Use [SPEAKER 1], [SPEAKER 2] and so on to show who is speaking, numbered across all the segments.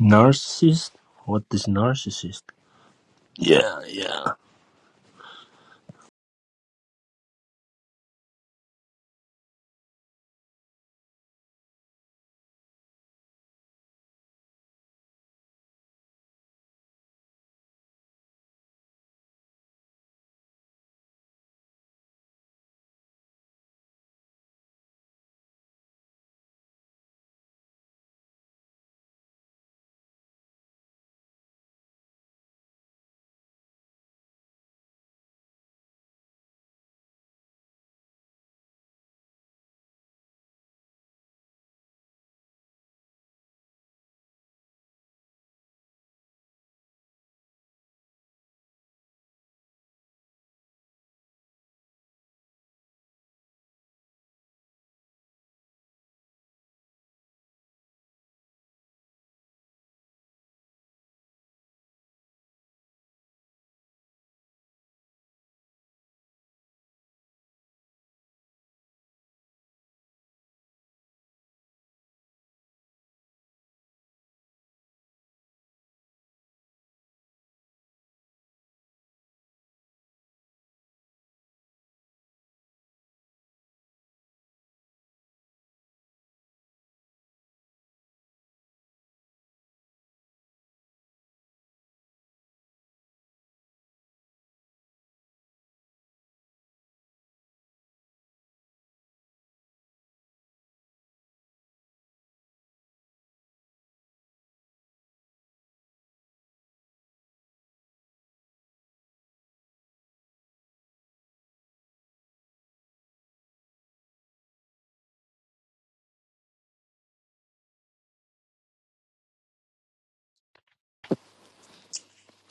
[SPEAKER 1] Narcissist? What is narcissist? Yeah, yeah.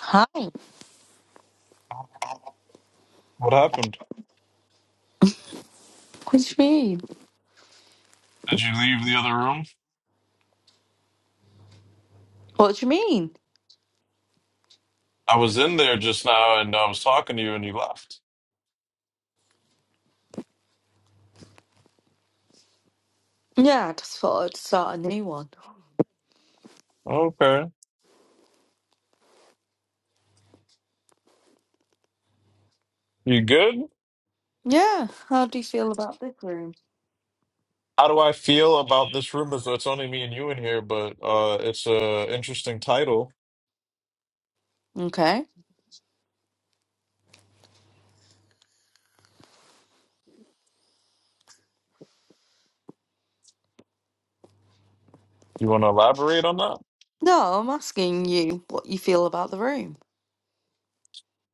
[SPEAKER 2] Hi. What
[SPEAKER 3] What happened?
[SPEAKER 2] do you mean?
[SPEAKER 3] Did you leave the other room?
[SPEAKER 2] What do you mean?
[SPEAKER 3] I was in there just now and I was talking to you and you left.
[SPEAKER 2] Yeah, I just thought I'd start a new one.
[SPEAKER 3] Okay. You good?
[SPEAKER 2] Yeah, how do you feel about this room?
[SPEAKER 3] How do I feel about this room as though it's only me and you in here, but uh it's a interesting title.
[SPEAKER 2] Okay.
[SPEAKER 3] You wanna elaborate on that?
[SPEAKER 2] No, I'm asking you what you feel about the room.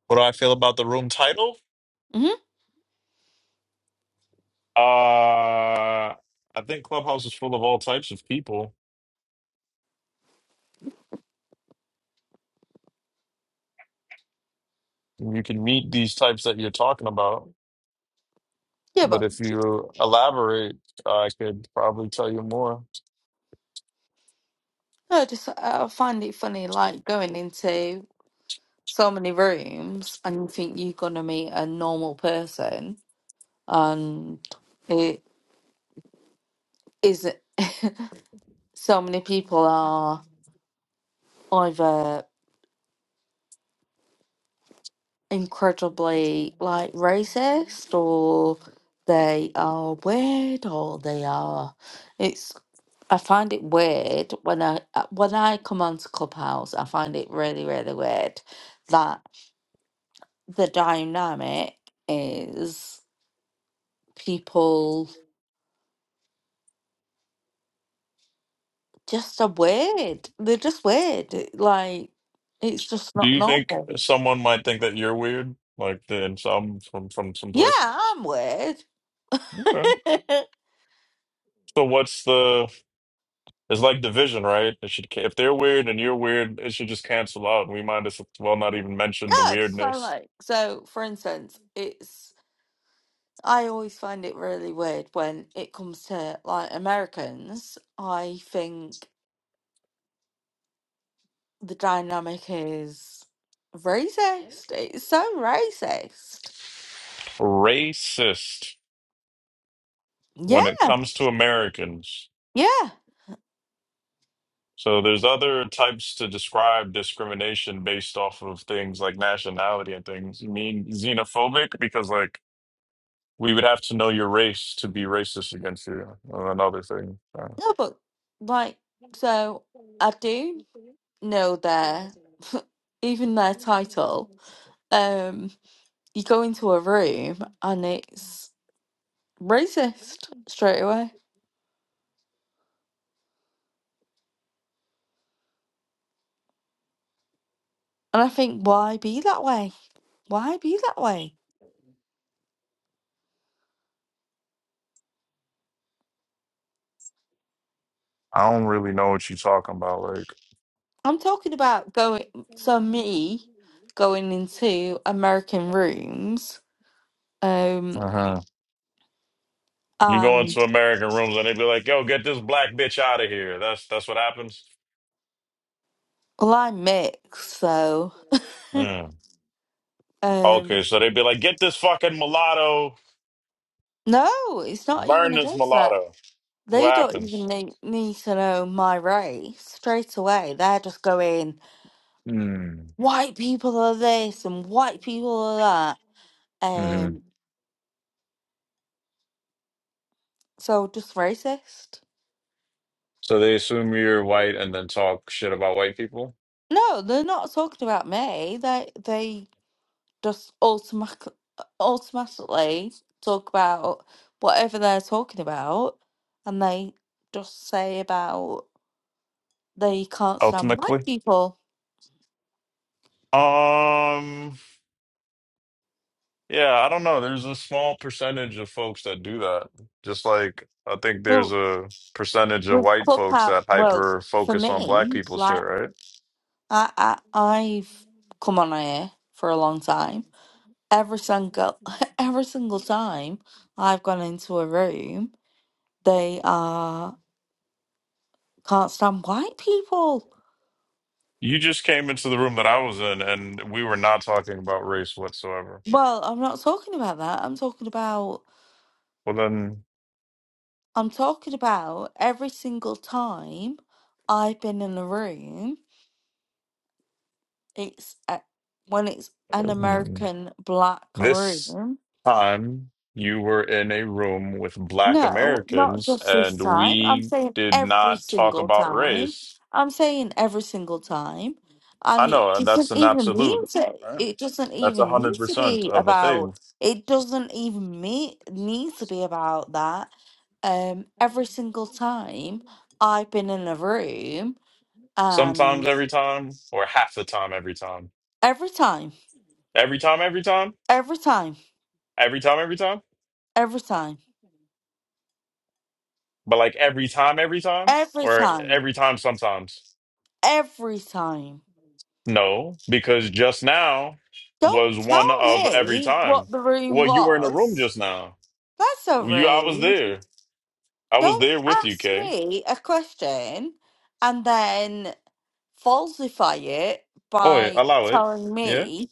[SPEAKER 3] What do I feel about the room title?
[SPEAKER 2] hmm
[SPEAKER 3] Uh I think Clubhouse is full of all types of people. You can meet these types that you're talking about.
[SPEAKER 2] Yeah,
[SPEAKER 3] But
[SPEAKER 2] but
[SPEAKER 3] if you elaborate, I could probably tell you more.
[SPEAKER 2] I just I find it funny, like going into so many rooms and you think you're gonna meet a normal person, and it isn't. so many people are either. incredibly like racist or they are weird or they are it's I find it weird when I uh, when I come onto Clubhouse I find it really really weird that the dynamic is people just are weird they're just weird it- like it's just
[SPEAKER 3] Do
[SPEAKER 2] not
[SPEAKER 3] you think
[SPEAKER 2] normal
[SPEAKER 3] someone might think that you're weird? Like in some from from some
[SPEAKER 2] yeah
[SPEAKER 3] place?
[SPEAKER 2] I'm weird
[SPEAKER 3] Okay.
[SPEAKER 2] no
[SPEAKER 3] So what's the? It's like division, right? It should ca- if they're weird and you're weird, it should just cancel out, and we might as well not even mention the
[SPEAKER 2] it's fine
[SPEAKER 3] weirdness.
[SPEAKER 2] like so for instance it's I always find it really weird when it comes to like Americans. I think the dynamic is racist. It's so racist.
[SPEAKER 3] Racist
[SPEAKER 2] Yeah,
[SPEAKER 3] when it comes to Americans.
[SPEAKER 2] yeah.
[SPEAKER 3] So there's other types to describe discrimination based off of things like nationality and things. You mean xenophobic because like we would have to know your race to be racist against you. uh, Another thing, Uh,
[SPEAKER 2] No, but like, so I do know their even their title. Um, you go into a room and it's racist straight away, and I think why be that way? Why be that way?
[SPEAKER 3] I don't really know what you're talking about. Like,
[SPEAKER 2] I'm talking about going. So me going into American rooms, um,
[SPEAKER 3] uh-huh. you go
[SPEAKER 2] and
[SPEAKER 3] into American rooms and they be like, "Yo, get this black bitch out of here." That's that's what happens.
[SPEAKER 2] well, I mix, so
[SPEAKER 3] Mm.
[SPEAKER 2] um,
[SPEAKER 3] Okay, so they'd be like, "Get this fucking mulatto,
[SPEAKER 2] no, it's not even
[SPEAKER 3] burn this
[SPEAKER 2] against that.
[SPEAKER 3] mulatto." What
[SPEAKER 2] They don't even
[SPEAKER 3] happens?
[SPEAKER 2] need, need to know my race straight away. They're just going,
[SPEAKER 3] Mm.
[SPEAKER 2] white people are this and white people are that.
[SPEAKER 3] hmm
[SPEAKER 2] Um, so just racist.
[SPEAKER 3] So they assume you're white and then talk shit about white people.
[SPEAKER 2] No, they're not talking about me. They they just automatic, automatically talk about whatever they're talking about, and they just say about they can't stand white
[SPEAKER 3] Ultimately,
[SPEAKER 2] people.
[SPEAKER 3] um. Yeah, I don't know. There's a small percentage of folks that do that. Just like I think there's
[SPEAKER 2] Well,
[SPEAKER 3] a percentage of
[SPEAKER 2] with
[SPEAKER 3] white folks that
[SPEAKER 2] Clubhouse, well,
[SPEAKER 3] hyper
[SPEAKER 2] for
[SPEAKER 3] focus on black
[SPEAKER 2] me,
[SPEAKER 3] people shit,
[SPEAKER 2] like
[SPEAKER 3] right?
[SPEAKER 2] I, I, I've come on here for a long time. Every single, every single time I've gone into a room, they are can't stand white people.
[SPEAKER 3] You just came into the room that I was in and we were not talking about race whatsoever.
[SPEAKER 2] Well, I'm not talking about that. I'm talking about
[SPEAKER 3] Well, then
[SPEAKER 2] I'm talking about every single time I've been in a room, it's a, when it's an
[SPEAKER 3] mm,
[SPEAKER 2] American black
[SPEAKER 3] this
[SPEAKER 2] room.
[SPEAKER 3] time you were in a room with black
[SPEAKER 2] No, not
[SPEAKER 3] Americans
[SPEAKER 2] just this
[SPEAKER 3] and
[SPEAKER 2] time. I'm
[SPEAKER 3] we
[SPEAKER 2] saying
[SPEAKER 3] did
[SPEAKER 2] every
[SPEAKER 3] not talk
[SPEAKER 2] single
[SPEAKER 3] about
[SPEAKER 2] time.
[SPEAKER 3] race.
[SPEAKER 2] I'm saying every single time. And
[SPEAKER 3] I
[SPEAKER 2] it
[SPEAKER 3] know and
[SPEAKER 2] doesn't
[SPEAKER 3] that's an
[SPEAKER 2] even mean
[SPEAKER 3] absolute,
[SPEAKER 2] to,
[SPEAKER 3] right?
[SPEAKER 2] it doesn't
[SPEAKER 3] That's a
[SPEAKER 2] even need
[SPEAKER 3] hundred
[SPEAKER 2] to
[SPEAKER 3] percent
[SPEAKER 2] be
[SPEAKER 3] of a thing.
[SPEAKER 2] about, it doesn't even me need to be about that. Um, every single time I've been in a room.
[SPEAKER 3] sometimes
[SPEAKER 2] And
[SPEAKER 3] every time or half the time every time
[SPEAKER 2] every time,
[SPEAKER 3] every time every time
[SPEAKER 2] every time,
[SPEAKER 3] every time every time
[SPEAKER 2] every time,
[SPEAKER 3] but like every time every time
[SPEAKER 2] every
[SPEAKER 3] or
[SPEAKER 2] time,
[SPEAKER 3] every time sometimes
[SPEAKER 2] every time.
[SPEAKER 3] no because just now
[SPEAKER 2] Don't
[SPEAKER 3] was one
[SPEAKER 2] tell
[SPEAKER 3] of every
[SPEAKER 2] me
[SPEAKER 3] time
[SPEAKER 2] what the room
[SPEAKER 3] well you were in the room
[SPEAKER 2] was.
[SPEAKER 3] just now
[SPEAKER 2] That's so
[SPEAKER 3] you i was
[SPEAKER 2] rude.
[SPEAKER 3] there i was
[SPEAKER 2] Don't
[SPEAKER 3] there with you
[SPEAKER 2] ask
[SPEAKER 3] kay
[SPEAKER 2] me a question and then falsify it
[SPEAKER 3] Oi,
[SPEAKER 2] by
[SPEAKER 3] allow it
[SPEAKER 2] telling
[SPEAKER 3] yeah
[SPEAKER 2] me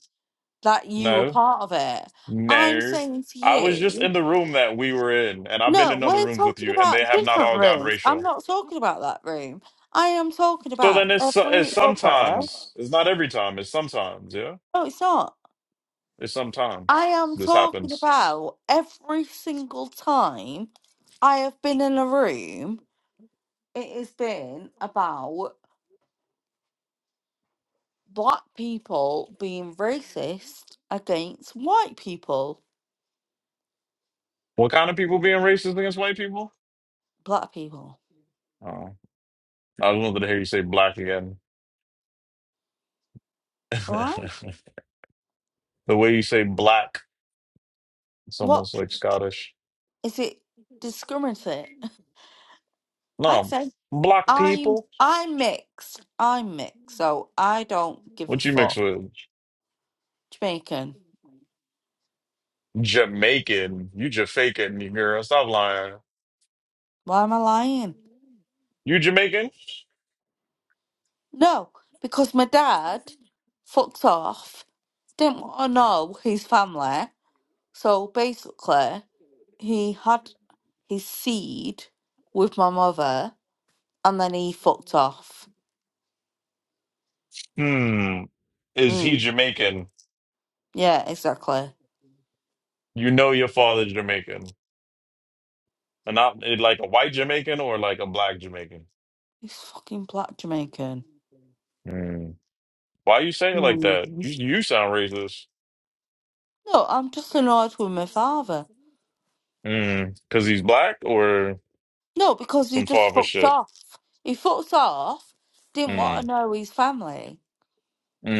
[SPEAKER 2] that you were
[SPEAKER 3] no
[SPEAKER 2] part of it. I'm
[SPEAKER 3] no
[SPEAKER 2] saying to
[SPEAKER 3] i was just
[SPEAKER 2] you.
[SPEAKER 3] in the room that we were in and i've been
[SPEAKER 2] No,
[SPEAKER 3] in other
[SPEAKER 2] we're
[SPEAKER 3] rooms with
[SPEAKER 2] talking
[SPEAKER 3] you and they
[SPEAKER 2] about
[SPEAKER 3] have not
[SPEAKER 2] different
[SPEAKER 3] all got
[SPEAKER 2] rooms. I'm
[SPEAKER 3] racial
[SPEAKER 2] not talking about that room. I am talking
[SPEAKER 3] So
[SPEAKER 2] about
[SPEAKER 3] then it's it's
[SPEAKER 2] every other.
[SPEAKER 3] sometimes. It's not every time. It's sometimes. Yeah,
[SPEAKER 2] No, it's not.
[SPEAKER 3] it's
[SPEAKER 2] I
[SPEAKER 3] sometimes
[SPEAKER 2] am
[SPEAKER 3] this
[SPEAKER 2] talking
[SPEAKER 3] happens.
[SPEAKER 2] about every single time I have been in a room, it has been about black people being racist against white people.
[SPEAKER 3] What kind of people being racist against white people?
[SPEAKER 2] Black people.
[SPEAKER 3] Oh, I wanted to hear you say black again. the
[SPEAKER 2] What?
[SPEAKER 3] way you say black, it's almost
[SPEAKER 2] What
[SPEAKER 3] like Scottish.
[SPEAKER 2] is it discriminate? Like I
[SPEAKER 3] No,
[SPEAKER 2] said,
[SPEAKER 3] black
[SPEAKER 2] I'm
[SPEAKER 3] people.
[SPEAKER 2] I'm mixed. I'm mixed, so I don't give a
[SPEAKER 3] What you mix
[SPEAKER 2] fuck.
[SPEAKER 3] with?
[SPEAKER 2] Jamaican.
[SPEAKER 3] Jamaican. You Jamaican, you girl. Stop lying.
[SPEAKER 2] Why am I lying?
[SPEAKER 3] You Jamaican?
[SPEAKER 2] No, because my dad fucked off. Didn't want to know his family. So basically, he had his seed with my mother, and then he fucked off.
[SPEAKER 3] Hmm. Is he
[SPEAKER 2] Mm.
[SPEAKER 3] Jamaican?
[SPEAKER 2] Yeah, exactly.
[SPEAKER 3] You know your father's Jamaican. And not eh, like a white Jamaican or like a black Jamaican.
[SPEAKER 2] He's fucking black Jamaican.
[SPEAKER 3] Mm. Why you say it like
[SPEAKER 2] Mm.
[SPEAKER 3] that? You you sound racist.
[SPEAKER 2] No, I'm just annoyed with my father.
[SPEAKER 3] Mm. because he's black or
[SPEAKER 2] No, because he
[SPEAKER 3] some
[SPEAKER 2] just
[SPEAKER 3] father
[SPEAKER 2] fucked
[SPEAKER 3] shit.
[SPEAKER 2] off. He fucked off, didn't want to
[SPEAKER 3] Mm.
[SPEAKER 2] know his family.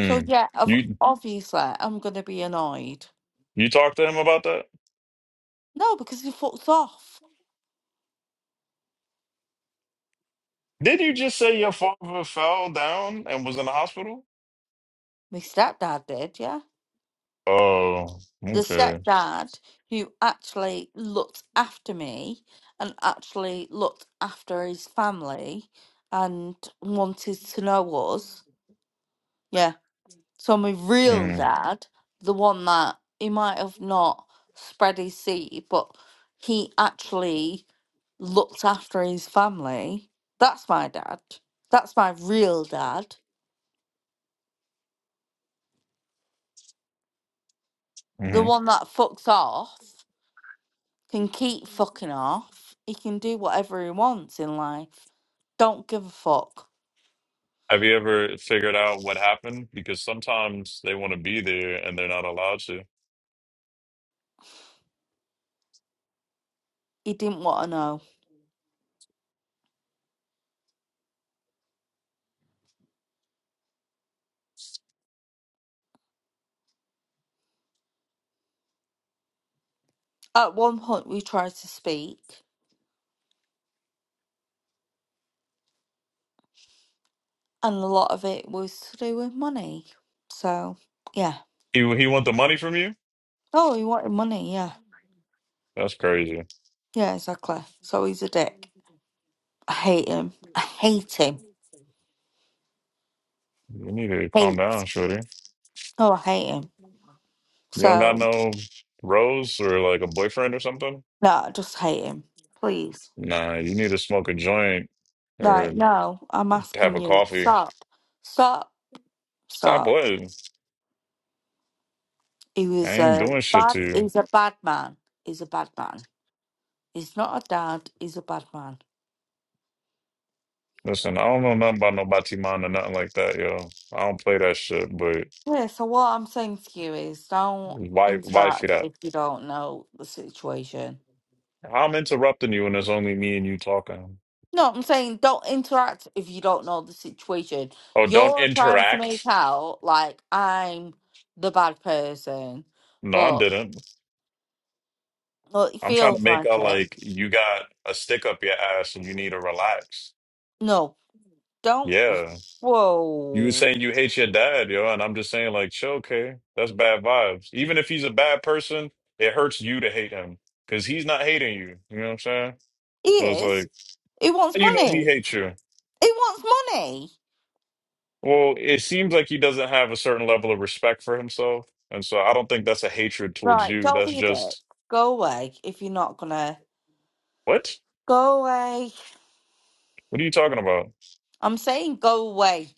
[SPEAKER 2] So, yeah, of,
[SPEAKER 3] You
[SPEAKER 2] obviously, I'm going to be annoyed.
[SPEAKER 3] you talk to him about that?
[SPEAKER 2] No, because he fucked off.
[SPEAKER 3] Did you just say your father fell down and was in the hospital?
[SPEAKER 2] My stepdad did, yeah.
[SPEAKER 3] Oh,
[SPEAKER 2] The
[SPEAKER 3] okay.
[SPEAKER 2] stepdad who actually looked after me and actually looked after his family and wanted to know us. yeah. So my real
[SPEAKER 3] Mm.
[SPEAKER 2] dad, the one that he might have not spread his seed, but he actually looked after his family. That's my dad. That's my real dad. The
[SPEAKER 3] Mm-hmm.
[SPEAKER 2] one that fucks off, can keep fucking off. He can do whatever he wants in life. Don't give a fuck.
[SPEAKER 3] Have you ever figured out what happened? Because sometimes they want to be there and they're not allowed to.
[SPEAKER 2] He didn't want to know. At one point, we tried to speak, and a lot of it was to do with money. So, yeah.
[SPEAKER 3] He he want the money from you?
[SPEAKER 2] Oh, he wanted money, yeah.
[SPEAKER 3] That's crazy.
[SPEAKER 2] Yeah, exactly. So he's a dick. I hate him. I hate him.
[SPEAKER 3] You need to calm
[SPEAKER 2] Hate.
[SPEAKER 3] down, shorty.
[SPEAKER 2] Oh, I hate him.
[SPEAKER 3] You don't got
[SPEAKER 2] So,
[SPEAKER 3] no rose or like a boyfriend or something?
[SPEAKER 2] no, I just hate him. Please.
[SPEAKER 3] Nah, you need to smoke a joint
[SPEAKER 2] Like,
[SPEAKER 3] or
[SPEAKER 2] no, I'm
[SPEAKER 3] have
[SPEAKER 2] asking
[SPEAKER 3] a
[SPEAKER 2] you.
[SPEAKER 3] coffee.
[SPEAKER 2] Stop. Stop.
[SPEAKER 3] Stop
[SPEAKER 2] Stop.
[SPEAKER 3] what?
[SPEAKER 2] He
[SPEAKER 3] I
[SPEAKER 2] was
[SPEAKER 3] ain't
[SPEAKER 2] a
[SPEAKER 3] doing shit
[SPEAKER 2] bad,
[SPEAKER 3] to you.
[SPEAKER 2] he's a bad man. He's a bad man. He's not a dad. He's a bad man.
[SPEAKER 3] Listen, I don't know nothing about no Batiman or nothing like that, yo. I don't play that shit, but
[SPEAKER 2] Yeah, so what I'm saying to you is don't
[SPEAKER 3] why why feed
[SPEAKER 2] interact
[SPEAKER 3] that?
[SPEAKER 2] if you don't know the situation.
[SPEAKER 3] I'm interrupting you and it's only me and you talking.
[SPEAKER 2] No, I'm saying don't interact if you don't know the situation.
[SPEAKER 3] Oh, don't
[SPEAKER 2] You're trying to make
[SPEAKER 3] interact?
[SPEAKER 2] out like I'm the bad person,
[SPEAKER 3] No, I
[SPEAKER 2] but
[SPEAKER 3] didn't.
[SPEAKER 2] well, it
[SPEAKER 3] I'm trying to
[SPEAKER 2] feels
[SPEAKER 3] make
[SPEAKER 2] like
[SPEAKER 3] out
[SPEAKER 2] it.
[SPEAKER 3] like you got a stick up your ass and you need to relax.
[SPEAKER 2] No, don't.
[SPEAKER 3] Yeah. You were
[SPEAKER 2] Whoa.
[SPEAKER 3] saying you hate your dad, yo, and I'm just saying like, chill, okay, that's bad vibes. Even if he's a bad person, it hurts you to hate him because he's not hating you. You know what I'm saying?
[SPEAKER 2] He
[SPEAKER 3] So it's
[SPEAKER 2] is.
[SPEAKER 3] like,
[SPEAKER 2] He wants
[SPEAKER 3] how you know he
[SPEAKER 2] money.
[SPEAKER 3] hates you.
[SPEAKER 2] He wants money.
[SPEAKER 3] Well, it seems like he doesn't have a certain level of respect for himself, and so I don't think that's a hatred towards
[SPEAKER 2] Right,
[SPEAKER 3] you.
[SPEAKER 2] don't
[SPEAKER 3] That's
[SPEAKER 2] be a dick.
[SPEAKER 3] just
[SPEAKER 2] Go away if you're not gonna.
[SPEAKER 3] what?
[SPEAKER 2] Go away.
[SPEAKER 3] What are you talking about?
[SPEAKER 2] I'm saying go away.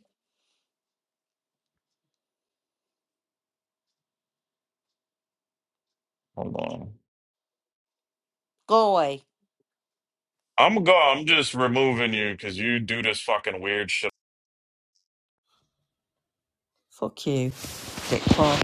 [SPEAKER 3] Hold on.
[SPEAKER 2] Go away.
[SPEAKER 3] I'm go. I'm just removing you because you do this fucking weird shit
[SPEAKER 2] Fuck you, dick